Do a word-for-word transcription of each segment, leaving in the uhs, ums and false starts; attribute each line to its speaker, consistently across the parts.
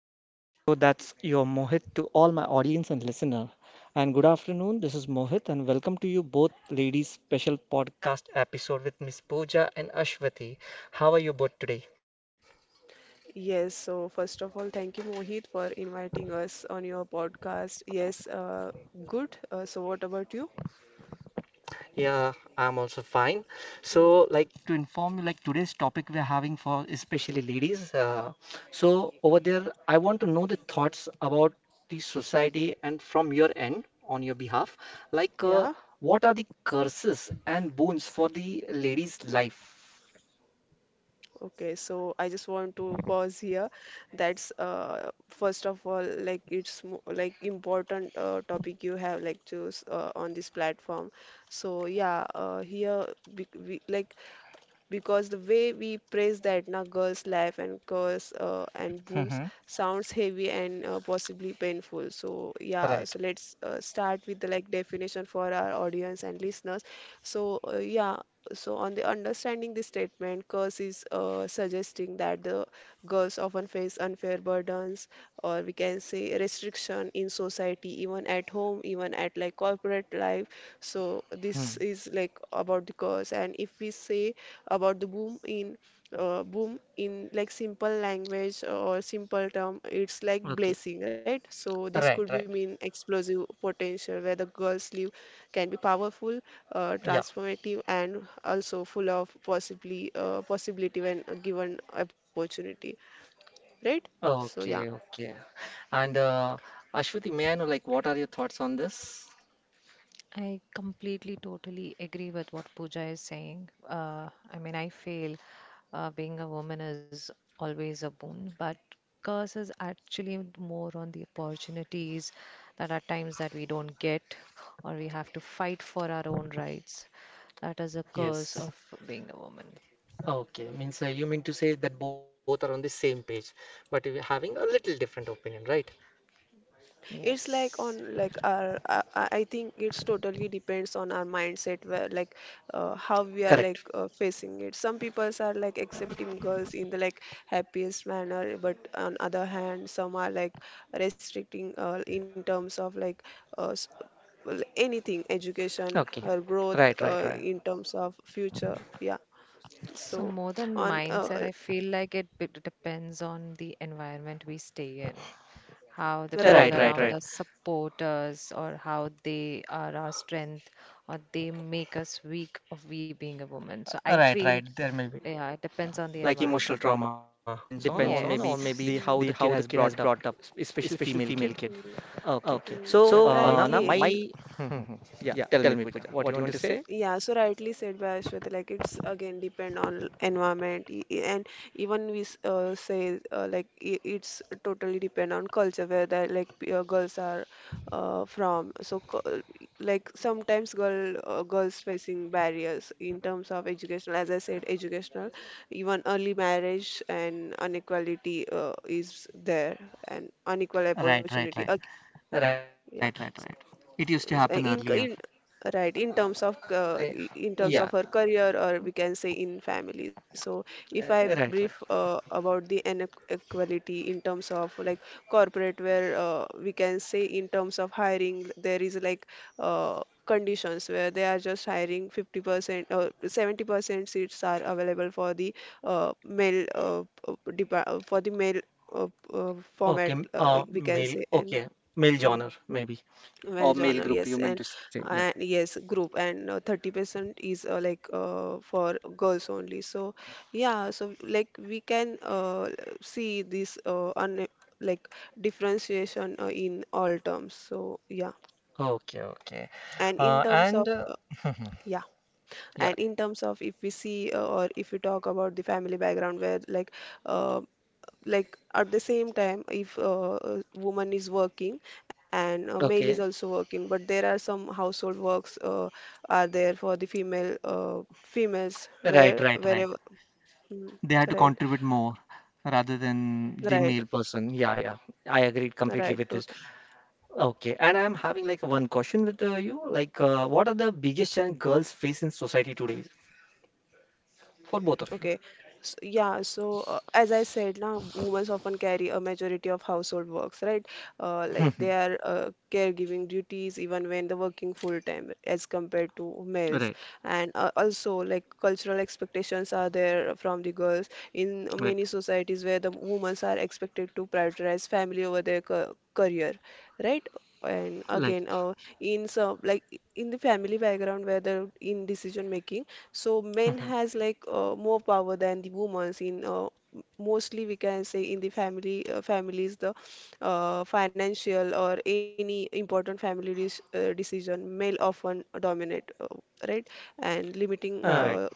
Speaker 1: welcome to my show. That's your Mohit to all my audience and listener. And good afternoon. This is Mohit, and welcome to you both ladies' special podcast episode with Miss Pooja and Ashwati. How are you both today?
Speaker 2: Yes, so first of all, thank you, Mohit, for inviting us on your podcast. Yes, uh, good. Uh, so, what about you?
Speaker 1: Yeah, I'm also fine. So, like
Speaker 2: Yeah.
Speaker 1: to inform you, like today's topic we're having for especially ladies. Uh, so, over there, I want to know the thoughts about the society and from your end, on your behalf. Like, uh,
Speaker 2: Yeah.
Speaker 1: what are the curses and boons for the lady's life?
Speaker 2: Okay. So, I just want to pause here. That's uh, first of all, like it's mo like important uh, topic you have like choose uh, on this platform. So, yeah, uh, here be we, like because the way we praise the Etna girl's life and curse uh, and booms
Speaker 1: Hmm.
Speaker 2: sounds heavy and uh, possibly painful. So yeah, so
Speaker 1: Right.
Speaker 2: let's uh, start with the like definition for our audience and listeners. So uh, yeah. So, on the understanding this statement, curse is uh, suggesting that the girls often face unfair burdens, or we can say restriction in society, even at home, even at like corporate life. So,
Speaker 1: Hmm.
Speaker 2: this is like about the curse. And if we say about the boom in uh, boom in like simple language or simple term, it's like
Speaker 1: Okay.
Speaker 2: blessing, right? So this could be
Speaker 1: Right,
Speaker 2: mean
Speaker 1: right.
Speaker 2: explosive potential where the girls live can be powerful, uh,
Speaker 1: Yeah.
Speaker 2: transformative, and also full of possibly uh, possibility when given opportunity, right? So yeah.
Speaker 1: Okay, okay. And uh, Ashwati, may I know, like, what are your thoughts on this?
Speaker 3: I completely, totally agree with what Pooja is saying. Uh, I mean, I feel uh, being a woman is always a boon, but curse is actually more on the opportunities that are times that we don't get, or we have to fight for our own rights. That is a curse
Speaker 1: Yes.
Speaker 3: of being a woman.
Speaker 1: Okay, means uh, you mean to say that both are on the same page, but you're having a little different opinion, right?
Speaker 2: It's
Speaker 3: Yes.
Speaker 2: like on like our I I- I think it's totally depends on our mindset, where like uh, how we are like
Speaker 1: Correct.
Speaker 2: uh, facing it. Some people are like accepting girls in the like happiest manner, but on other hand, some are like restricting uh, in terms of like uh, s- well, anything, education,
Speaker 1: Okay.
Speaker 2: her growth
Speaker 1: Right,
Speaker 2: uh,
Speaker 1: right, right.
Speaker 2: in terms of future. Yeah.
Speaker 3: So,
Speaker 2: So
Speaker 3: more than
Speaker 2: on uh,
Speaker 3: mindset,
Speaker 2: uh,
Speaker 3: I feel like it b- depends on the environment we stay in. How the
Speaker 2: Right,
Speaker 1: Right,
Speaker 3: people
Speaker 2: right,
Speaker 1: right,
Speaker 2: right.
Speaker 3: around
Speaker 1: right.
Speaker 3: us support us, or how they are our strength, or they make us weak of we being a woman. So I
Speaker 1: Right,
Speaker 3: feel,
Speaker 1: right. There may be
Speaker 3: yeah, it depends on the
Speaker 1: like emotional
Speaker 3: environment.
Speaker 1: trauma depends on, or maybe
Speaker 3: Yes,
Speaker 1: the how
Speaker 2: Mm,
Speaker 1: the kid has brought up, es- especially female kid. Okay.
Speaker 2: mm, mm.
Speaker 1: So
Speaker 3: correct.
Speaker 1: uh, now
Speaker 2: Rightly,
Speaker 1: my yeah, tell me, Pooja, what you want to say?
Speaker 2: yeah, so rightly said by Ashwath, like it's again depend on environment e- e- and even we s- uh, say uh, like i- it's totally depend on culture where that like p- uh, girls are uh, from. So cu- like sometimes girl uh, girls facing barriers in terms of educational, as I said, educational, even early marriage and inequality uh, is there and unequal
Speaker 1: Right,
Speaker 2: opportunity.
Speaker 1: right, right.
Speaker 2: Ag-
Speaker 1: Right, right,
Speaker 2: yeah,
Speaker 1: right. It used to happen
Speaker 2: in
Speaker 1: earlier.
Speaker 2: in right, in terms of
Speaker 1: I,
Speaker 2: uh, i- in
Speaker 1: yeah,
Speaker 2: terms of her career, or we can say in family. So if I
Speaker 1: uh,
Speaker 2: brief
Speaker 1: right, right.
Speaker 2: uh, about the inequality in terms of like corporate, where uh, we can say in terms of hiring, there is like uh, conditions where they are just hiring fifty percent or seventy percent seats are available for the uh, male uh, p- depa- for the male uh, p- uh, format,
Speaker 1: Okay, m-
Speaker 2: uh,
Speaker 1: uh,
Speaker 2: we can
Speaker 1: male.
Speaker 2: say, and
Speaker 1: Okay, male
Speaker 2: mm.
Speaker 1: genre maybe,
Speaker 2: Well,
Speaker 1: or
Speaker 2: genre,
Speaker 1: male
Speaker 2: yes,
Speaker 1: group. You
Speaker 2: and
Speaker 1: meant to say, yeah.
Speaker 2: and yes, group, and uh, thirty percent is uh, like uh, for girls only. So yeah, so like we can uh, see this uh, un like differentiation uh, in all terms. So yeah,
Speaker 1: Okay, okay.
Speaker 2: and in
Speaker 1: Uh,
Speaker 2: terms of
Speaker 1: and uh,
Speaker 2: uh, yeah,
Speaker 1: yeah,
Speaker 2: and in terms of if we see uh, or if we talk about the family background where like uh, like at the same time, if uh, a woman is working and a male is
Speaker 1: okay.
Speaker 2: also working, but there are some household works uh, are there for the female uh, females
Speaker 1: Right,
Speaker 2: where
Speaker 1: right, right.
Speaker 2: wherever. Mhm.
Speaker 1: They
Speaker 2: Right.
Speaker 1: had to contribute more rather than the
Speaker 2: right
Speaker 1: male person. Yeah, yeah. I agreed
Speaker 2: right
Speaker 1: completely with this.
Speaker 2: totally.
Speaker 1: Okay, and I'm having like one question with uh, you. Like, uh, what are the biggest challenge girls face in society today for both of you?
Speaker 2: Okay. So, yeah, so uh, as I said, now women often carry a majority of household works, right? Uh, like they are uh, caregiving duties even when they're working full time as compared to males.
Speaker 1: Right,
Speaker 2: And uh, also, like cultural expectations are there from the girls in
Speaker 1: right.
Speaker 2: many societies, where the women are expected to prioritize family over their ca- career, right? And
Speaker 1: Like,
Speaker 2: again, uh, in some like in the family background where the in decision making, so men
Speaker 1: all
Speaker 2: has like uh, more power than the women's in uh, m- mostly we can say in the family uh, families, the uh, financial or any important family dis- uh, decision, male often dominate, uh, right, and limiting
Speaker 1: right,
Speaker 2: uh,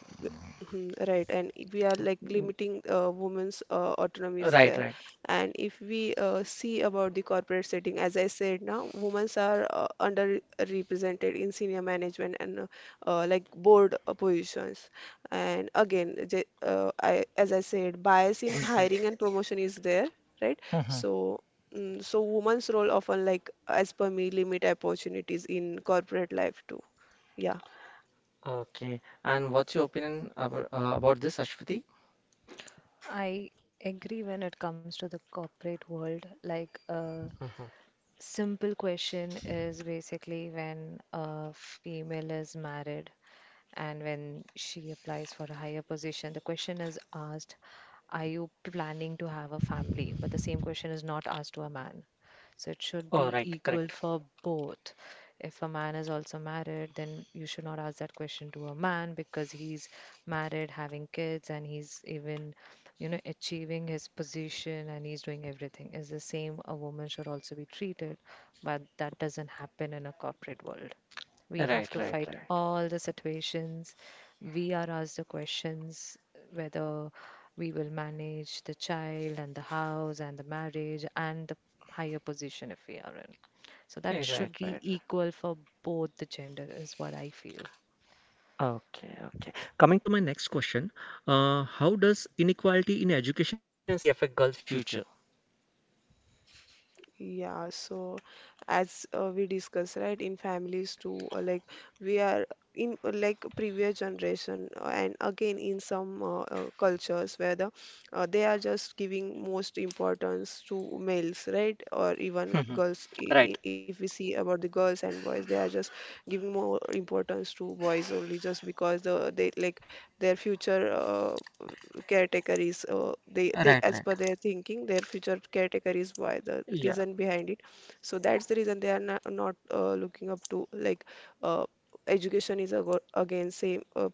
Speaker 2: Mhm. Right, and i- we are like limiting uh, women's uh, autonomy is there.
Speaker 1: right.
Speaker 2: And if we uh, see about the corporate setting, as I said, now women are uh, underrepresented in senior management and uh, uh, like board uh, positions. And again, j- uh, I, as I said, bias in hiring and promotion is there, right?
Speaker 1: Right.
Speaker 2: So, mm, so women's role often, like as per me, limit opportunities in corporate life too. Yeah.
Speaker 1: Okay. And what's your opinion about, uh, about this, Ashwati?
Speaker 3: I agree when it comes to the corporate world. Like a
Speaker 1: Hmm.
Speaker 3: simple question is basically when a female is married, and when she applies for a higher position, the question is asked, are you planning to have a family? But the same question is not asked to a man. So it
Speaker 1: Oh,
Speaker 3: should be
Speaker 1: right,
Speaker 3: equal
Speaker 1: correct.
Speaker 3: for both. If a man is also married, then you should not ask that question to a man because he's married, having kids, and he's even, you know, achieving his position and he's doing everything. It's the same a woman should also be treated, but that doesn't happen in a corporate world. We
Speaker 1: Right,
Speaker 3: have to
Speaker 1: right,
Speaker 3: fight
Speaker 1: right.
Speaker 3: all the situations. We are asked the questions whether we will manage the child and the house and the marriage and the higher position if we are in. So that
Speaker 1: Eh, right,
Speaker 3: should
Speaker 1: right.
Speaker 3: be
Speaker 1: Right.
Speaker 3: equal for both the gender, is what I feel.
Speaker 1: Okay, okay. Coming to my next question, uh, how does inequality in education and safety affect girls' future?
Speaker 2: Yeah, so as uh, we discuss, right, in families too, uh, like we are in uh, like previous generation, uh, and again in some uh, uh, cultures where the uh, they are just giving most importance to males, right, or even
Speaker 1: Hmm.
Speaker 2: girls. I I
Speaker 1: Right,
Speaker 2: If we see about the girls and boys, they are just giving more importance to boys only, just because the they like their future uh, categories uh, they they
Speaker 1: right,
Speaker 2: as
Speaker 1: right.
Speaker 2: per their thinking, their future caretaker is why the
Speaker 1: Yeah,
Speaker 2: reason behind it. So that's the reason they are not, not uh, looking up to like uh, education is ago- again same uh,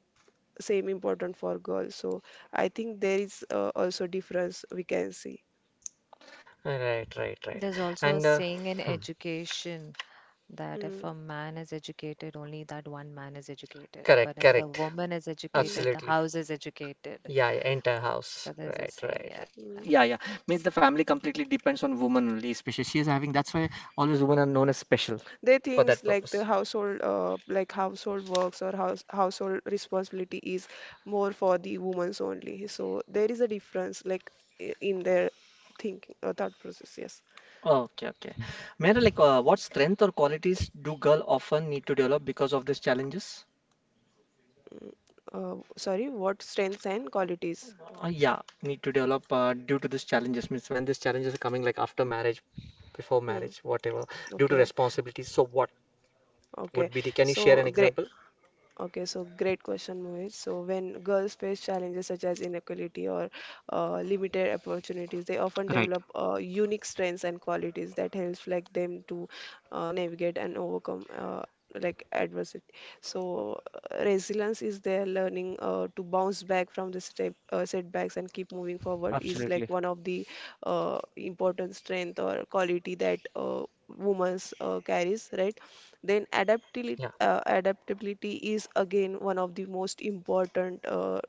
Speaker 2: same important for girls. So I think there is uh, also difference we can see.
Speaker 1: right, right, right.
Speaker 3: There's also a
Speaker 1: And uh,
Speaker 3: saying in
Speaker 1: hmm,
Speaker 3: education that if
Speaker 2: Mm,
Speaker 3: a man is educated, only that one man is educated.
Speaker 1: correct,
Speaker 3: But if a
Speaker 1: correct.
Speaker 3: woman is
Speaker 2: mm,
Speaker 3: educated, the
Speaker 1: Absolutely.
Speaker 3: house is educated.
Speaker 1: Yeah, yeah, entire house.
Speaker 3: So there's a
Speaker 1: Right,
Speaker 3: saying,
Speaker 1: right.
Speaker 3: yeah.
Speaker 1: Right. Yeah,
Speaker 2: mm.
Speaker 1: yeah. Means the family completely depends on woman only, especially she is having. That's why always women are known as special
Speaker 2: They
Speaker 1: for that
Speaker 2: thinks
Speaker 1: purpose.
Speaker 2: like the household, uh, like household works or house household responsibility is more for the women's only. So there is a difference, like i- in their thinking or thought process. Yes.
Speaker 1: Okay, okay. May like, uh, what strength or qualities do girl often need to develop because of these challenges?
Speaker 2: Uh, sorry, what strengths and qualities?
Speaker 1: Uh, yeah, need to develop uh, due to these challenges. Means when these challenges are coming, like after marriage, before
Speaker 2: Hmm.
Speaker 1: marriage, whatever, due to
Speaker 2: Okay.
Speaker 1: responsibilities. So what
Speaker 2: Okay.
Speaker 1: would be the? Can you
Speaker 2: So
Speaker 1: share an
Speaker 2: great.
Speaker 1: example?
Speaker 2: Okay, so great question, Mohit. So when girls face challenges such as inequality or uh, limited opportunities, they often
Speaker 1: Right.
Speaker 2: develop uh, unique strengths and qualities that helps like them to uh, navigate and overcome uh, like adversity. So uh, resilience is their learning uh, to bounce back from the step, uh, setbacks and keep moving forward is
Speaker 1: Absolutely.
Speaker 2: like one of the uh, important strength or quality that uh, women's uh, carries, right? Then
Speaker 1: Yeah.
Speaker 2: adaptability, uh, adaptability is again one of the most important uh,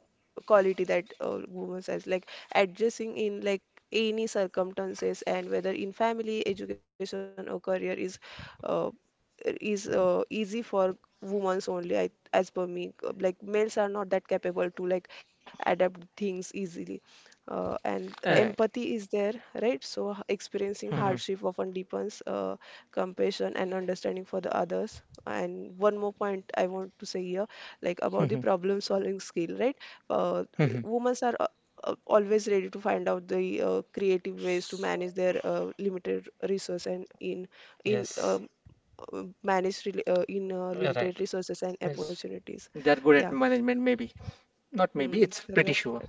Speaker 2: quality that uh, women has, like adjusting in like any circumstances, and whether in family, education, or career is uh, is uh, easy for women's only, I, as per me. Uh, like males are not that capable to like adapt things easily, uh,
Speaker 1: All
Speaker 2: and empathy is there, right? So h- experiencing hardship often deepens uh, compassion and understanding for the others. And one more point I want to say here, like about
Speaker 1: right.
Speaker 2: the problem solving skill, right? uh, Women are uh, uh, always ready to find out the uh, creative ways to manage their uh, limited resource and in in
Speaker 1: Yes.
Speaker 2: um, uh, manage rela- uh, in uh,
Speaker 1: Yeah, right.
Speaker 2: limited resources and
Speaker 1: Yes.
Speaker 2: opportunities.
Speaker 1: They're good
Speaker 2: Yeah.
Speaker 1: at management, maybe. Not
Speaker 2: Hmm.
Speaker 1: maybe, it's pretty
Speaker 2: Right.
Speaker 1: sure.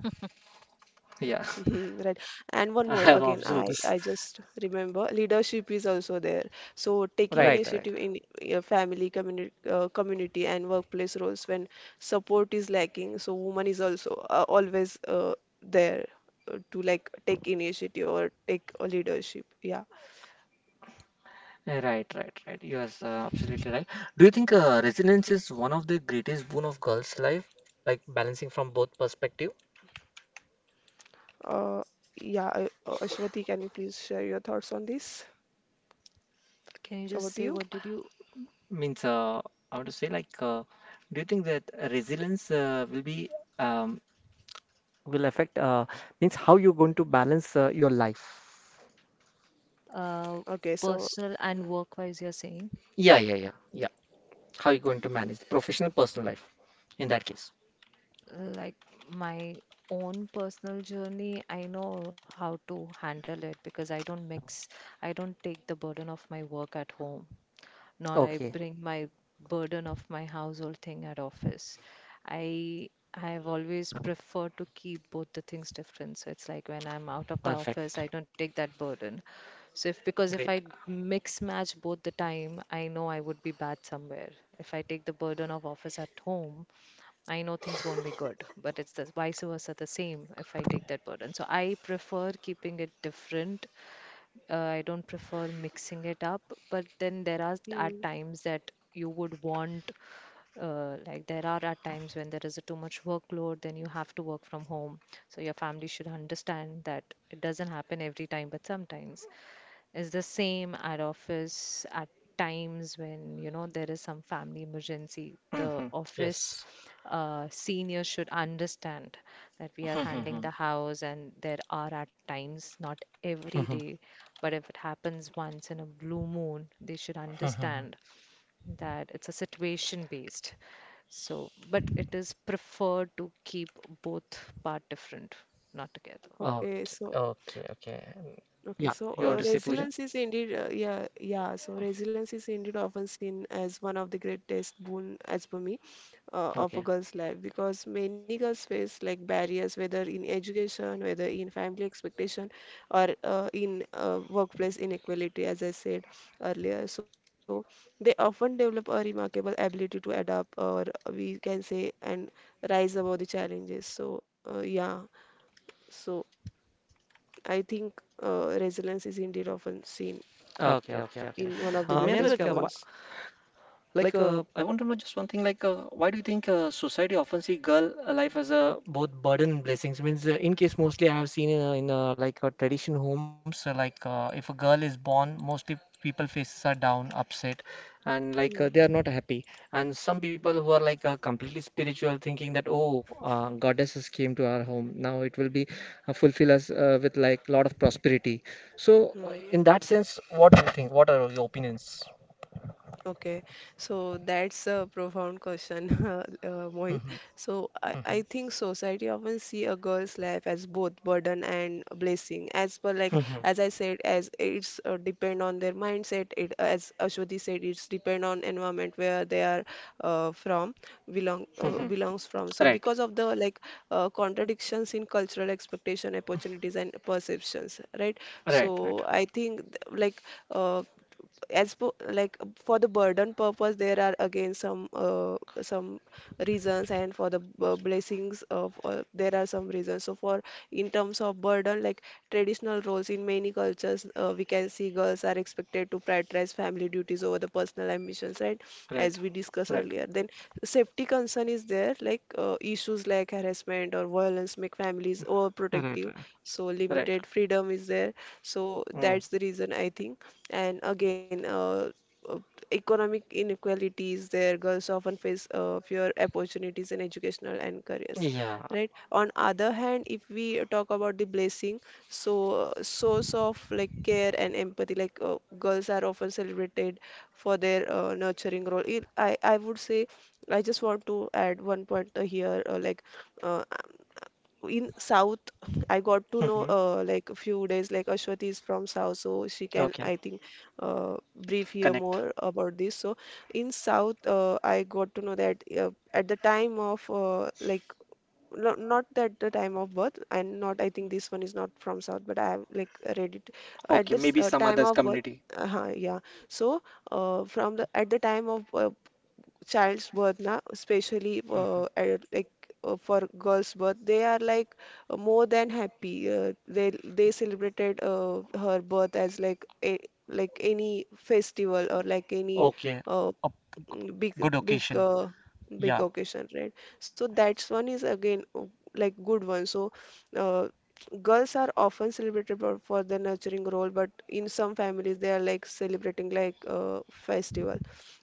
Speaker 1: Yeah,
Speaker 2: Mhm. Right.
Speaker 1: I
Speaker 2: And one
Speaker 1: have
Speaker 2: more,
Speaker 1: observed
Speaker 2: again,
Speaker 1: this.
Speaker 2: I I just remember, leadership is also there. So taking
Speaker 1: Right, right.
Speaker 2: initiative in your family, community, uh, community and workplace roles when support is lacking, so woman is also uh, always uh, there uh, to like take initiative or take a leadership. Yeah.
Speaker 1: Uh, Right, right, right. Yes, uh, absolutely right. Do you think uh, resilience is one of the greatest boon of girls' life? Like balancing from both perspective?
Speaker 2: Uh, yeah, uh, uh, Ashwati, can you please share your thoughts on this?
Speaker 3: Can you
Speaker 2: Over to
Speaker 3: just
Speaker 2: you.
Speaker 3: say what did you
Speaker 1: Means, uh, I want to say, like, uh, do you think that resilience uh, will be, um, will affect, uh, means how you're going to balance uh, your life?
Speaker 3: uh,
Speaker 2: Okay, so
Speaker 3: personal
Speaker 2: hmm,
Speaker 3: and work-wise, you're saying,
Speaker 1: Yeah, yeah, yeah, yeah. How you're going to manage the professional, personal life in that case?
Speaker 3: like my own personal journey, I know how to handle it because I don't mix, I don't take the burden of my work at home. Nor I
Speaker 1: Okay,
Speaker 3: bring my burden of my household thing at office. I I have always preferred to keep both the things different. So it's like when I'm out of the
Speaker 1: perfect.
Speaker 3: office, I don't take that burden. So if because if
Speaker 1: Great.
Speaker 3: I mix match both the time, I know I would be bad somewhere. If I take the burden of office at home, I know things won't be good. But it's the vice versa the same if I take that burden. So I prefer keeping it different, uh, I don't prefer mixing it up, but then there are
Speaker 2: hmm,
Speaker 3: at times that you would want, uh, like there are at times when there is a too much workload, then you have to work from home. So your family should understand that it doesn't happen every time, but sometimes is the same at office at times when you know there is some family emergency, the
Speaker 1: Hmm.
Speaker 3: office
Speaker 1: Yes.
Speaker 3: uh, senior should understand that we are handling the
Speaker 1: Mhm.
Speaker 3: house and there are at times not every
Speaker 1: Mhm.
Speaker 3: day, but if it happens once in a blue moon they should
Speaker 1: Mhm.
Speaker 3: understand that it's a situation based. So but it is preferred to keep both part different, not together.
Speaker 2: okay,
Speaker 1: Okay,
Speaker 2: so
Speaker 1: okay, okay.
Speaker 2: okay,
Speaker 1: Yeah,
Speaker 2: so
Speaker 1: you
Speaker 2: uh,
Speaker 1: want to say Pooja?
Speaker 2: resilience is indeed, uh, yeah, yeah. So resilience is indeed often seen as one of the greatest boon, as per me, uh, of a
Speaker 1: Okay,
Speaker 2: girl's life, because many girls face like barriers, whether in education, whether in family expectation, or uh, in uh, workplace inequality, as I said earlier. So they often develop a remarkable ability to adapt, or we can say, and rise above the challenges. So uh, yeah, so I think uh, resilience is indeed often seen
Speaker 1: okay, okay, okay.
Speaker 2: in one
Speaker 1: Uh,
Speaker 2: of
Speaker 1: may
Speaker 2: the
Speaker 1: I like, uh,
Speaker 2: greatest boons.
Speaker 1: Like, uh, I want to know just one thing. Like, uh, why do you think uh, society often see girl uh, life as a both burden and blessings? Means, uh, in case mostly I have seen in, uh, in uh, like uh, tradition homes, uh, like uh, if a girl is born, mostly people faces are down, upset, and like uh, they are
Speaker 2: Mm,
Speaker 1: not happy. And some people who are like uh, completely spiritual, thinking that oh, uh, goddesses came to our home, now it will be uh, fulfill us uh, with like lot of prosperity. So, uh, in
Speaker 2: mm.
Speaker 1: that sense, what do you think? What are your opinions?
Speaker 2: Okay, so that's a profound question, uh, Mohit.
Speaker 1: Hmm.
Speaker 2: So I,
Speaker 1: Hmm.
Speaker 2: I think society often see a girl's life as both burden and a blessing. As per, like
Speaker 1: Hmm.
Speaker 2: as I said, as it's uh, depend on their mindset. It, as Ashwati said, it's depend on environment where they are uh, from belong uh,
Speaker 1: Mhm.
Speaker 2: belongs from. So
Speaker 1: Right,
Speaker 2: because of the like uh, contradictions in cultural expectation, opportunities, and perceptions, right?
Speaker 1: right,
Speaker 2: So
Speaker 1: right,
Speaker 2: I think th- like uh, as po like uh, for the burden purpose, there are again some uh, some reasons, and for the b- blessings of uh, there are some reasons. So for, in terms of burden, like traditional roles in many cultures, uh, we can see girls are expected to prioritize family duties over the personal ambitions, right, as
Speaker 1: right,
Speaker 2: we discussed
Speaker 1: right,
Speaker 2: earlier. Then safety concern is there, like uh, issues like harassment or violence make families
Speaker 1: right,
Speaker 2: overprotective,
Speaker 1: right,
Speaker 2: so limited
Speaker 1: right.
Speaker 2: freedom is there. So that's the
Speaker 1: Mm.
Speaker 2: reason I think. And again, uh, uh, economic inequalities there. Girls often face uh, fewer opportunities in educational and careers,
Speaker 1: Yeah.
Speaker 2: right? On other hand, if we talk about the blessing, so uh, source of like care and empathy, like uh, girls are often celebrated for their uh, nurturing role. It, I I would say I just want to add one point uh, here, uh, like. Uh, in South, I got to know
Speaker 1: Hmm.
Speaker 2: uh, like a few days, like Ashwati is from South, so she can, I
Speaker 1: Okay.
Speaker 2: think, uh, brief here more
Speaker 1: Connect.
Speaker 2: about this. So in South, uh, I got to know that uh, at the time of uh, like no, not at the time of birth, and not I think this one is not from South, but I have like read it at
Speaker 1: Okay.
Speaker 2: this
Speaker 1: Maybe
Speaker 2: uh,
Speaker 1: some
Speaker 2: time
Speaker 1: others
Speaker 2: of birth.
Speaker 1: community.
Speaker 2: Uh yeah. So uh, from the at the time of uh, child's birth na, especially uh,
Speaker 1: Mhm.
Speaker 2: uh, like uh, for girl's birth they are like uh, more than happy, uh, they they celebrated uh, her birth as like a like any festival or like any
Speaker 1: Okay.
Speaker 2: uh,
Speaker 1: A
Speaker 2: mm, big
Speaker 1: good
Speaker 2: big
Speaker 1: occasion.
Speaker 2: uh, big
Speaker 1: Yeah.
Speaker 2: occasion, right? So that's one is again uh, like good one. So uh, girls are often celebrated for, for their nurturing role, but in some families they are like celebrating like uh, festival.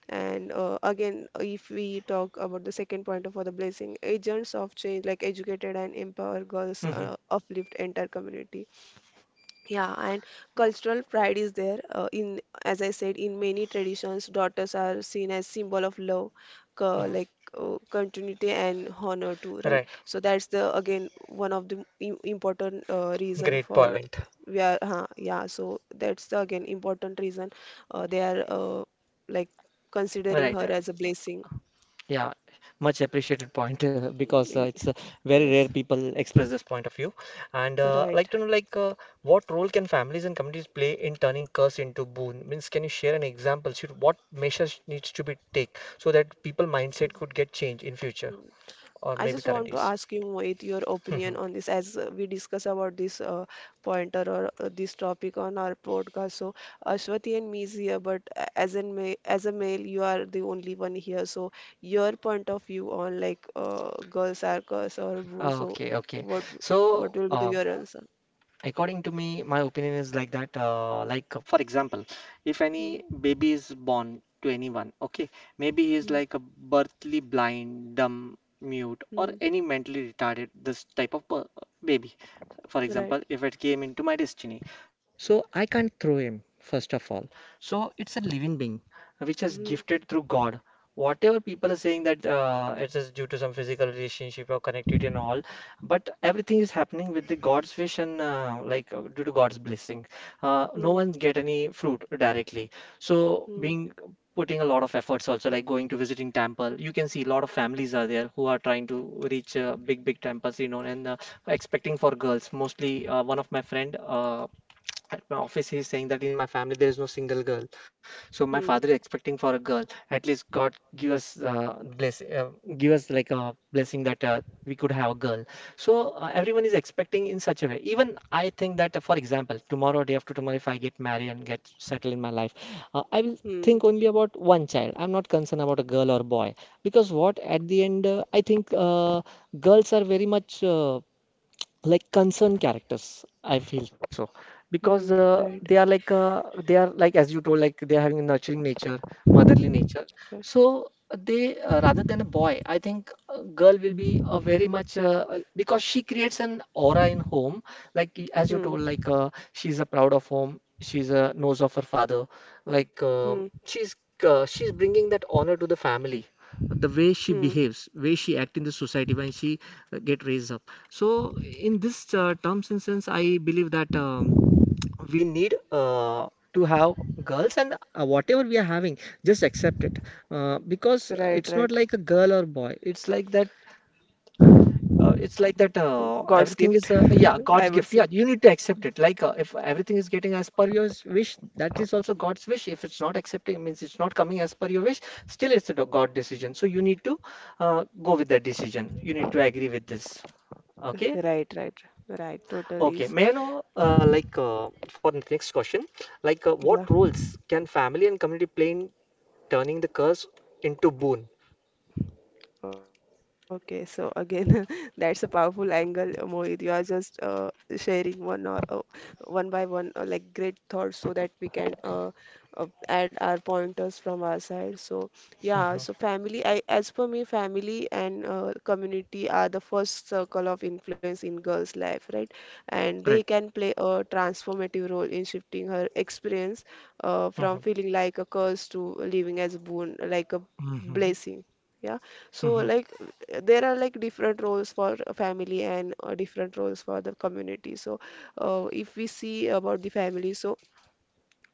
Speaker 2: And uh, again if we talk about the second point for the blessing agents of change, like educated and empower girls uh,
Speaker 1: Hmm.
Speaker 2: uplift entire community. Yeah, and cultural pride is there. Uh, in, as I said, in many traditions, daughters are seen as symbol of love, co- like uh, continuity and honor too, right?
Speaker 1: Right.
Speaker 2: So that's the again one of the im- important uh, reason
Speaker 1: Great
Speaker 2: for
Speaker 1: point.
Speaker 2: we are huh, yeah. So that's the again important reason uh, they are uh, like considering
Speaker 1: Right.
Speaker 2: her
Speaker 1: Right.
Speaker 2: as a blessing.
Speaker 1: Yeah, much appreciated point uh, because uh,
Speaker 2: Y-
Speaker 1: it's uh, very rare
Speaker 2: Yes,
Speaker 1: people express this point of view. And uh,
Speaker 2: right.
Speaker 1: like to know, like, uh, what role can families and communities play in turning curse into boon? Means, can you share an example? Should what measures needs to be take so that people mindset could get changed in future
Speaker 2: Hmm.
Speaker 1: or
Speaker 2: I
Speaker 1: maybe
Speaker 2: just
Speaker 1: current
Speaker 2: want to
Speaker 1: days?
Speaker 2: ask you, Mohit, your opinion on this as uh, we discuss about this uh, pointer or uh, this topic on our podcast. So, Ashwati and me is here, but a- as in ma as a male, you are the only one here. So, your point of view on like uh, girls are cursed or boo. So,
Speaker 1: Okay, okay.
Speaker 2: what
Speaker 1: So,
Speaker 2: what will be
Speaker 1: uh,
Speaker 2: the your answer?
Speaker 1: according to me, my opinion is like that. Uh, like, for example, if any
Speaker 2: Hmm,
Speaker 1: baby is born to anyone, okay, maybe he is
Speaker 2: hmm,
Speaker 1: like a birthly blind, dumb, mute, or
Speaker 2: hmm,
Speaker 1: any mentally retarded, this type of per baby, for example,
Speaker 2: right.
Speaker 1: if it came into my destiny. So I can't throw him, first of all. So it's a living being which is
Speaker 2: Hmm,
Speaker 1: gifted through God. Whatever people are saying that uh, it is due to some physical relationship or connectivity and all, but everything is happening with the God's wish and uh, like uh, due to God's blessing. Uh, no
Speaker 2: hmm,
Speaker 1: one get any fruit directly. So
Speaker 2: hmm,
Speaker 1: being putting a lot of efforts also like going to visiting temple, you can see a lot of families are there who are trying to reach uh, big big temples, you know, and uh, expecting for girls. Mostly, uh, one of my friend uh, at my office, he's saying that in my family there is no single girl, so my father is
Speaker 2: hmm,
Speaker 1: expecting for a girl. At least God give us uh, bless, uh, give us like a blessing that uh, we could have a girl. So uh, everyone is expecting in such a way. Even I think that, uh, for example, tomorrow, day after tomorrow, if I get married and get settled in my life, uh, I will think
Speaker 2: hmm,
Speaker 1: only about one child. I'm not concerned about a girl or boy because what at the end, uh, I think uh, girls are very much. Uh, like concerned characters I feel, so because
Speaker 2: hmm,
Speaker 1: uh, they are
Speaker 2: right.
Speaker 1: like uh, they are like as you told, like they are having a nurturing nature, motherly nature,
Speaker 2: Right.
Speaker 1: so they uh, rather than a boy, I think a girl will be a very much uh, uh, because she creates an aura in home, like y- as you told,
Speaker 2: Hmm,
Speaker 1: like uh, she's a proud of home, she's a knows of her father, like um
Speaker 2: hmm,
Speaker 1: she's uh, she's bringing that honor to the family, the way she
Speaker 2: hmm,
Speaker 1: behaves, way she act in the society when she uh, get raised up. So, in this uh, terms and sense, I believe that um, we need uh, to have girls, and uh, whatever we are having, just accept it, uh, because uh, it's not
Speaker 2: right,
Speaker 1: like a
Speaker 2: right.
Speaker 1: girl or boy. It's like that. Uh, it's like that. Uh,
Speaker 2: God's
Speaker 1: everything
Speaker 2: gift,
Speaker 1: is uh, yeah, God's
Speaker 2: I would
Speaker 1: gift. Yeah,
Speaker 2: say.
Speaker 1: you need to accept it. Like uh, if everything is getting as per your s- wish, that is also God's wish. If it's not accepting, means it's not coming as per your wish. Still, it's a do- God decision. So you need to uh, go with that decision. You need to agree with this. Okay.
Speaker 2: Right, right, right. Totally.
Speaker 1: Okay,
Speaker 2: s-
Speaker 1: may I know, uh, like, uh, for the next question, like, uh,
Speaker 2: Yeah.
Speaker 1: what roles can family and community play in turning the curse into boon?
Speaker 2: Okay, so again, that's a powerful angle, uh, Mohit. You are just uh, sharing one or uh, one by one, uh, like great thoughts, so that we can uh, uh, add our pointers from our side. So yeah, so
Speaker 1: Mhm,
Speaker 2: family, I as per me, family and uh, community are the first circle of influence in girls' life, right? And they
Speaker 1: right,
Speaker 2: can play a transformative role in shifting her experience uh, from
Speaker 1: mhm,
Speaker 2: feeling like a curse to living as a boon, like a
Speaker 1: mhm,
Speaker 2: blessing. Yeah. So, like,
Speaker 1: mhm,
Speaker 2: uh, there are like different roles for a family and uh, different roles for the community. So, uh, if we see about the family, so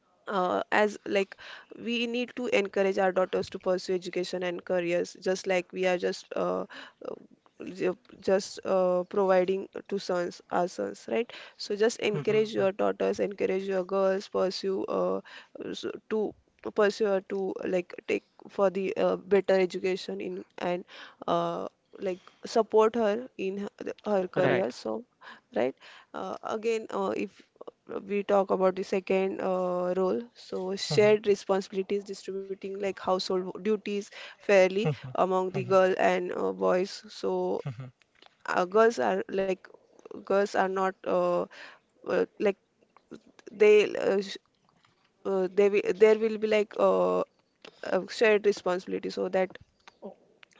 Speaker 2: uh, as like we need to encourage our daughters to pursue education and careers just like we are just uh, uh, ju- just uh, providing to sons our sons, right? So just encourage
Speaker 1: mhm,
Speaker 2: your daughters, encourage your girls pursue uh, s- to pursue or to like take for the uh, better education in, and uh, like support her in her, her career,
Speaker 1: right.
Speaker 2: so right. uh, again uh, if we talk about the second uh, role, so shared
Speaker 1: Mhm,
Speaker 2: responsibilities distributing like household duties fairly
Speaker 1: mhm,
Speaker 2: among the girl
Speaker 1: mhm,
Speaker 2: and uh, boys. So
Speaker 1: mhm,
Speaker 2: uh, girls are like girls are not uh, uh, like they uh, sh- uh, they will, there will be like uh, uh, shared responsibility, so that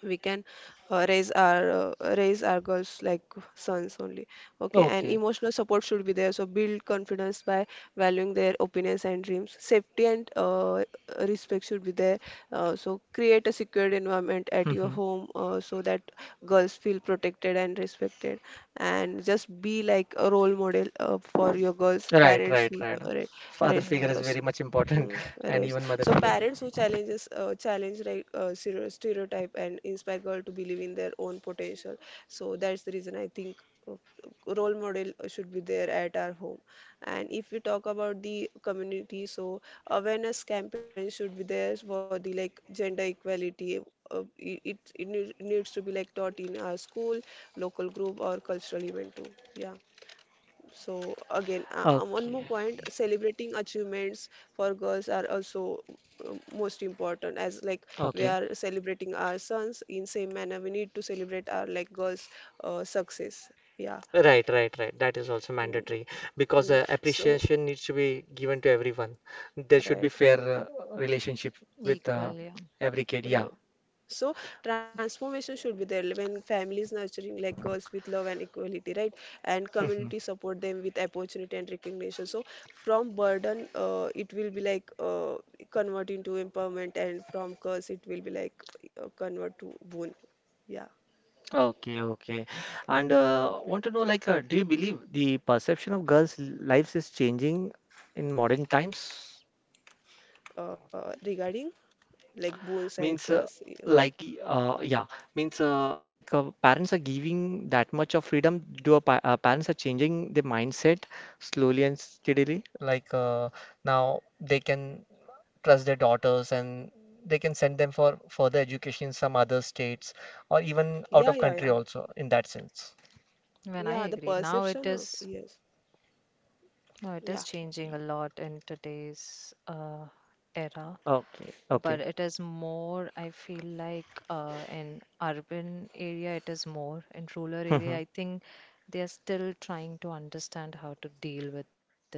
Speaker 2: we can uh, raise our uh, raise our girls like sons only. Okay, and
Speaker 1: okay,
Speaker 2: emotional support should be there, so build confidence by valuing their opinions and dreams. Safety and uh, respect should be there, uh, so create a secured environment at your
Speaker 1: mhm.
Speaker 2: home uh, so that girls feel protected and respected. And just be like a role model uh, for your girls
Speaker 1: Right,
Speaker 2: parents,
Speaker 1: right, right.
Speaker 2: uh, right,
Speaker 3: Mm,
Speaker 1: Father
Speaker 2: right.
Speaker 3: right.
Speaker 1: figure is
Speaker 2: uh,
Speaker 1: very much important,
Speaker 2: Hmm, it
Speaker 1: and
Speaker 2: is.
Speaker 1: even mother
Speaker 2: So
Speaker 1: figure too.
Speaker 2: parents who challenges uh, challenge like uh, stere- stereotype and inspire girl to believe in their own potential. So that's the reason I think uh, role model should be there at our home. And if we talk about the community, so awareness campaign should be there for the like gender equality. Uh, it it, it need- needs to be like taught in our school, local group, or cultural event too. Yeah. So again, uh, uh,
Speaker 1: Okay,
Speaker 2: one more point, celebrating achievements for girls are also um, most important. As like we
Speaker 1: okay.
Speaker 2: are celebrating our sons in same manner, we need to celebrate our like girls uh, success. Yeah.
Speaker 1: Right, right, right. That is also
Speaker 2: Mm.
Speaker 1: mandatory because
Speaker 2: Mm.
Speaker 1: uh,
Speaker 2: So
Speaker 1: appreciation needs to be given to everyone. There should be
Speaker 2: right.
Speaker 1: fair uh, relationship with uh,
Speaker 3: Equal, yeah.
Speaker 1: every kid. Yeah.
Speaker 2: Right. So transformation should be there when families nurturing like girls with love and equality, right? And community support them with opportunity and recognition. So from burden, uh, it will be like uh, convert into empowerment, and from curse, it will be like uh, convert to boon. Yeah.
Speaker 1: Okay, okay. And uh, want to know like, uh, do you believe the perception of girls' lives is changing in modern times?
Speaker 2: Uh, regarding like boons and
Speaker 1: Means
Speaker 2: curse.
Speaker 1: uh,
Speaker 2: Yeah,
Speaker 1: like y- uh, yeah, means uh, like uh, parents are giving that much of freedom. Do a pa uh, parents are changing the mindset slowly and steadily. Like uh, now they can trust their daughters and they can send them for further education in some other states or even
Speaker 2: yeah,
Speaker 1: out of
Speaker 2: yeah, yeah.
Speaker 1: country also in that sense.
Speaker 3: When I
Speaker 2: Yeah, the
Speaker 3: agree, now it
Speaker 2: perception of
Speaker 3: is
Speaker 2: yes.
Speaker 3: now it is
Speaker 2: Yeah.
Speaker 3: changing
Speaker 1: Y-
Speaker 3: a lot in today's uh, era,
Speaker 1: Okay,
Speaker 3: but
Speaker 1: okay.
Speaker 3: it is more. I feel like uh, in urban area it is more. In rural area, I
Speaker 1: Mhm.
Speaker 3: think they are still trying to understand how to deal with this.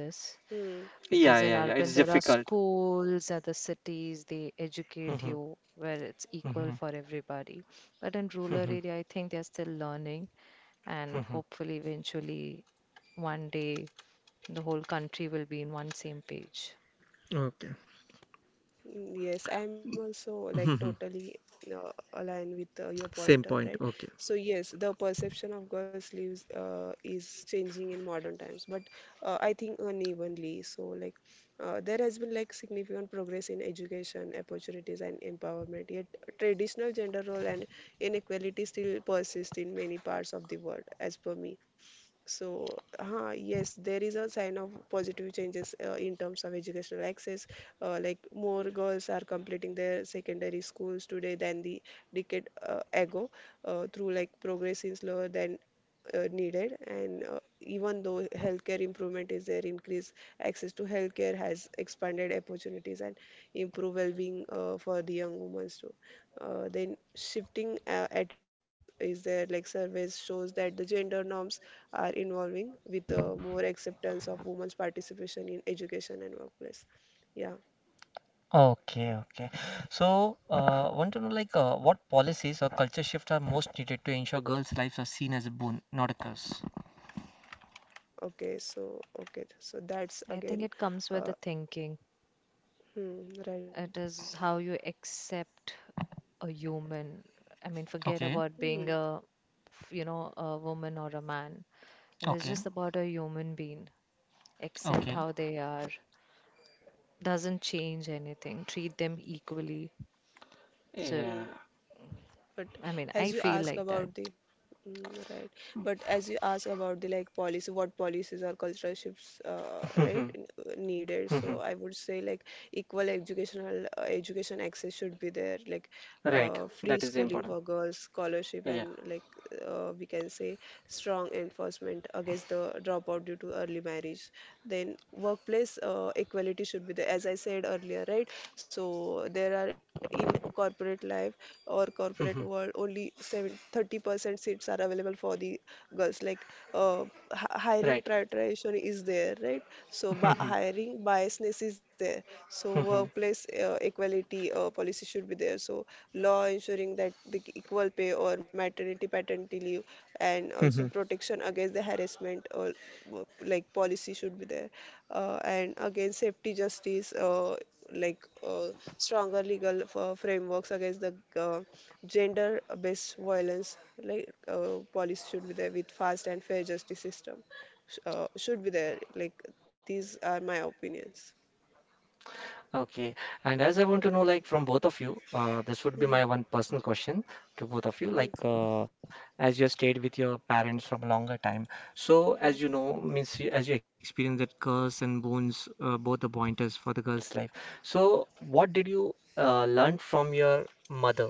Speaker 2: Hmm.
Speaker 3: Because in
Speaker 1: Yeah, yeah,
Speaker 3: urban, there
Speaker 1: yeah.
Speaker 3: are
Speaker 1: It's difficult.
Speaker 3: schools, other cities, they educate you
Speaker 1: Mhm,
Speaker 3: where it's equal for
Speaker 1: mhm,
Speaker 3: everybody. But in rural area, I
Speaker 1: mhm,
Speaker 3: think they're still learning, and
Speaker 1: mhm.
Speaker 3: hopefully, eventually, one day, the whole country will be in one same page.
Speaker 1: Okay.
Speaker 2: Mm, yes, I'm also like totally
Speaker 1: Mhm.
Speaker 2: uh, aligned with uh, your pointer, right?
Speaker 1: Same point.
Speaker 2: So
Speaker 1: Okay.
Speaker 2: yes, the perception of girls' lives uh, is changing in modern times, but uh, I think unevenly. So like uh, there has been like significant progress in education, opportunities, and empowerment. Yet traditional gender role and inequality still persist in many parts of the world, as per me. So, huh, yes, there is a sign of positive changes uh, in terms of educational access. Uh, like more girls are completing their secondary schools today than the decade uh, ago, uh, through like progress is slower than uh, needed. And uh, even though healthcare improvement is there, increased access to healthcare has expanded opportunities and improve well-being uh, for the young women too. Uh, then shifting uh, attitudes is there, like surveys shows that the gender norms are evolving with uh, more acceptance of women's participation in education and workplace. Yeah.
Speaker 1: Okay, okay. So, uh, want to know like uh, what policies or culture shift are most needed to ensure girls' lives are seen as a boon, not a curse.
Speaker 2: Okay, so okay, so that's
Speaker 3: I think
Speaker 2: again,
Speaker 3: it comes with
Speaker 2: uh,
Speaker 3: the thinking.
Speaker 2: hmm, right.
Speaker 3: It is how you accept a human. I mean, forget
Speaker 1: Okay,
Speaker 3: about
Speaker 2: Hmm,
Speaker 3: being a, you know, a woman or a man. It is
Speaker 1: okay,
Speaker 3: just about a human being. Accept
Speaker 1: okay.
Speaker 3: how they are, doesn't change anything, treat them equally. So,
Speaker 2: hmm.
Speaker 1: Yeah.
Speaker 2: But
Speaker 3: I mean,
Speaker 2: as
Speaker 3: I
Speaker 2: you
Speaker 3: feel
Speaker 2: ask
Speaker 3: like that.
Speaker 2: about the mm, right, but as you ask about the like policy, what policies or cultural shifts, uh,
Speaker 1: Mm-hmm,
Speaker 2: right, n- uh, needed.
Speaker 1: mm-hmm.
Speaker 2: So I would say like equal educational uh, education access should be there. Like
Speaker 1: Right.
Speaker 2: uh, free
Speaker 1: That is
Speaker 2: schooling
Speaker 1: important.
Speaker 2: for girls, scholarship,
Speaker 1: Yeah.
Speaker 2: and like uh, we can say strong enforcement against the dropout due to early marriage. Then workplace uh, equality should be there, as I said earlier, right? So there are, in corporate life or corporate world,
Speaker 1: Mm-hmm.
Speaker 2: only seven, thirty percent seats are available for the girls. Like uh, hi- hiring
Speaker 1: Right.
Speaker 2: prioritization is there, right? So bi
Speaker 1: Mm-hmm,
Speaker 2: hiring biasness is there. So
Speaker 1: mm-hmm.
Speaker 2: workplace uh, equality uh, policy should be there. So law ensuring that the equal pay or maternity paternity leave and also protection against the harassment, or wo- like policy should be there. Uh, and again safety justice. Uh, like uh, stronger legal uh, frameworks against the uh, gender-based violence, like uh, policy should be there with fast and fair justice system, sh- uh, should be there. Like these are my opinions.
Speaker 1: Okay. And as I want to know, like from both of you, uh, this would be
Speaker 2: Hmm,
Speaker 1: my one personal question to both of you. Like,
Speaker 2: hmm,
Speaker 1: uh, as you stayed with your parents from a longer time, so as you
Speaker 2: hmm.
Speaker 1: know, means you, as you experienced that curse and boons, uh, both the pointers for the girl's life. So, what did you uh, learn from your mother?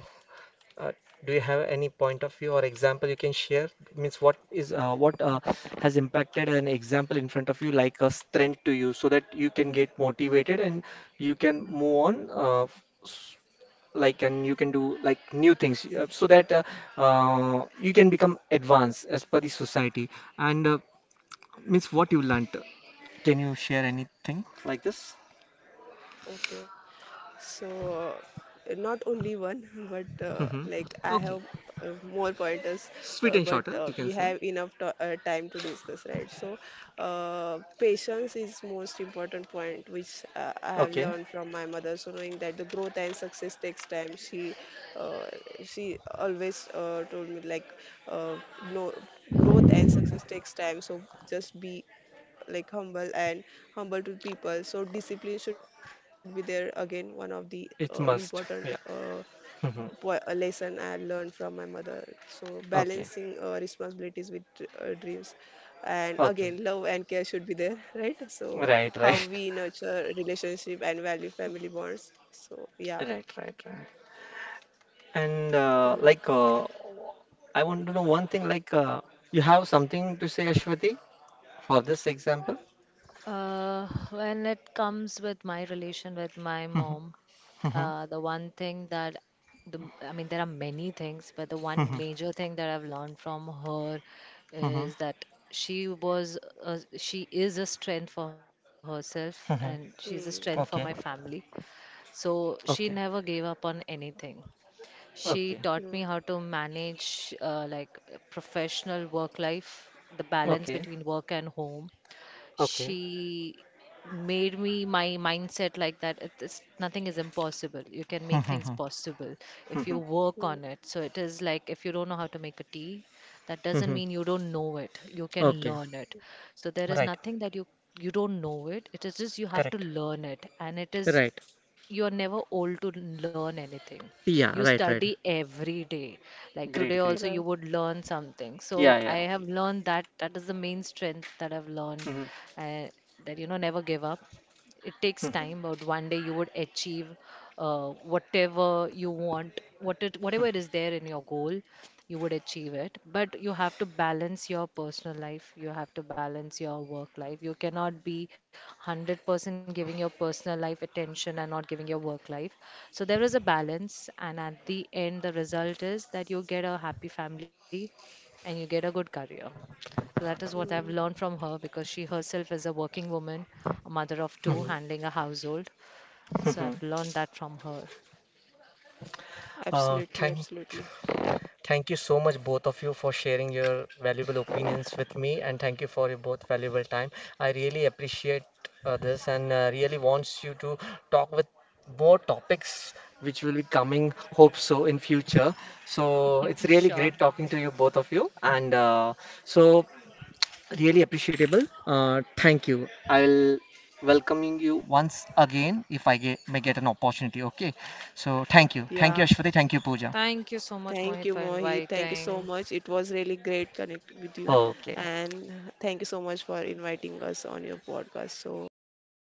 Speaker 1: Uh, do you have any point of view or example you can share? Means what is uh, what uh, has impacted an example in front of you like a strength to you so that you can get motivated and you can move on uh, f- s- like, and you can do like new things uh, so that uh, uh, you can become advanced as per the society, and uh, means what you learnt. Can you share anything like this?
Speaker 2: Okay. So uh, not only one, but uh,
Speaker 1: Hmm.
Speaker 2: like I
Speaker 1: Okay.
Speaker 2: have uh, more pointers,
Speaker 1: Sweet
Speaker 2: uh,
Speaker 1: and
Speaker 2: but
Speaker 1: shorter,
Speaker 2: uh,
Speaker 1: you
Speaker 2: we
Speaker 1: can say.
Speaker 2: have enough to uh, time to discuss, right? So uh, patience is most important point, which uh,
Speaker 1: Okay.
Speaker 2: I have learned from my mother. So knowing that the growth and success takes time, she uh, she always uh, told me like uh, no, growth and success takes time. So just be like humble and humble to people. So discipline should be there again. One of the uh,
Speaker 1: It's
Speaker 2: important
Speaker 1: must. Yeah.
Speaker 2: uh,
Speaker 1: Hmm.
Speaker 2: po- uh, lesson I learned from my mother. So
Speaker 1: Okay.
Speaker 2: balancing uh, responsibilities with uh, dreams, and again
Speaker 1: Okay,
Speaker 2: love and care should be there, right? So
Speaker 1: right,
Speaker 2: how
Speaker 1: right,
Speaker 2: we nurture relationship and value family bonds. So yeah.
Speaker 1: right, right, right. And uh,
Speaker 2: Hmm.
Speaker 1: like, uh, I want to know one thing. Like, uh, you have something to say, Ashwati, for this example?
Speaker 3: Uh, when it comes with my relation with my
Speaker 1: Mhm,
Speaker 3: mom,
Speaker 1: mhm,
Speaker 3: uh, the one thing that the, I mean, there are many things, but the one
Speaker 1: mhm,
Speaker 3: major thing that I've learned from her
Speaker 1: mhm,
Speaker 3: is that she was, a, she is a strength for herself
Speaker 1: mhm.
Speaker 3: and she's a strength for
Speaker 1: Okay,
Speaker 3: my
Speaker 2: Hmm.
Speaker 3: family. So she
Speaker 1: okay,
Speaker 3: never gave up on anything. She
Speaker 1: okay,
Speaker 3: taught me how to
Speaker 2: Hmm.
Speaker 3: manage, uh, like professional work life, the balance
Speaker 1: okay,
Speaker 3: between work and home.
Speaker 1: okay.
Speaker 3: She made me my mindset like that it is nothing is impossible. You can
Speaker 1: Mhm,
Speaker 3: make things
Speaker 1: mhm,
Speaker 3: possible if you
Speaker 1: mhm.
Speaker 3: work on
Speaker 2: Hmm.
Speaker 3: it. So it is like if you don't know how to make a tea, that doesn't
Speaker 1: Mhm.
Speaker 3: mean you don't know it. You can
Speaker 1: Okay,
Speaker 3: learn it. So there is
Speaker 1: right,
Speaker 3: nothing that you you don't know it. It is just you have to
Speaker 1: correct,
Speaker 3: learn it, and it is
Speaker 1: right.
Speaker 3: you're never old to learn anything.
Speaker 1: Yeah,
Speaker 3: You
Speaker 1: right, right.
Speaker 3: study every day, like today
Speaker 1: Great,
Speaker 3: also
Speaker 1: great.
Speaker 3: you
Speaker 2: Right.
Speaker 3: would learn something. So
Speaker 1: Yeah, yeah.
Speaker 3: I have learned that, that is the main strength that I've learned.
Speaker 1: Mhm,
Speaker 3: uh, that, you know, never give up. It takes
Speaker 1: mhm,
Speaker 3: time, but one day you would achieve, uh, whatever you want, what it, whatever it is there in your goal, you would achieve it. But you have to balance your personal life. You have to balance your work life. You cannot be one hundred percent giving your personal life attention and not giving your work life. So there is a balance, and at the end, the result is that you get a happy family and you get a good career. So that is what I've learned
Speaker 2: Hmm.
Speaker 3: from her because she herself is a working woman, a mother of
Speaker 1: mhm,
Speaker 3: two,
Speaker 2: Hmm.
Speaker 3: handling a household. So
Speaker 1: mhm.
Speaker 3: I've learned that from her.
Speaker 1: Uh,
Speaker 2: Absolutely.
Speaker 1: thank.
Speaker 2: Absolutely.
Speaker 1: Thank you so much, both of you, for sharing your valuable opinions with me, and thank you for your both valuable time. I really appreciate uh, this, and uh, really wants you to talk with more topics which will be coming, hope so, in future. So it's really great
Speaker 3: Sure.
Speaker 1: talking to you, both of you, and uh, so really appreciable. Uh, thank you. I will welcoming you once again if I ge may get an opportunity. Okay. So thank you. Thank
Speaker 2: Yeah.
Speaker 1: you, Ashwati. Thank you, Pooja.
Speaker 3: Thank you so much,
Speaker 2: Thank
Speaker 3: Mohit,
Speaker 2: you,
Speaker 3: for
Speaker 2: Mohit. Thank you so
Speaker 3: inviting.
Speaker 2: much. It was really great connect with you,
Speaker 1: Okay.
Speaker 2: and thank you so much for inviting us on your podcast. So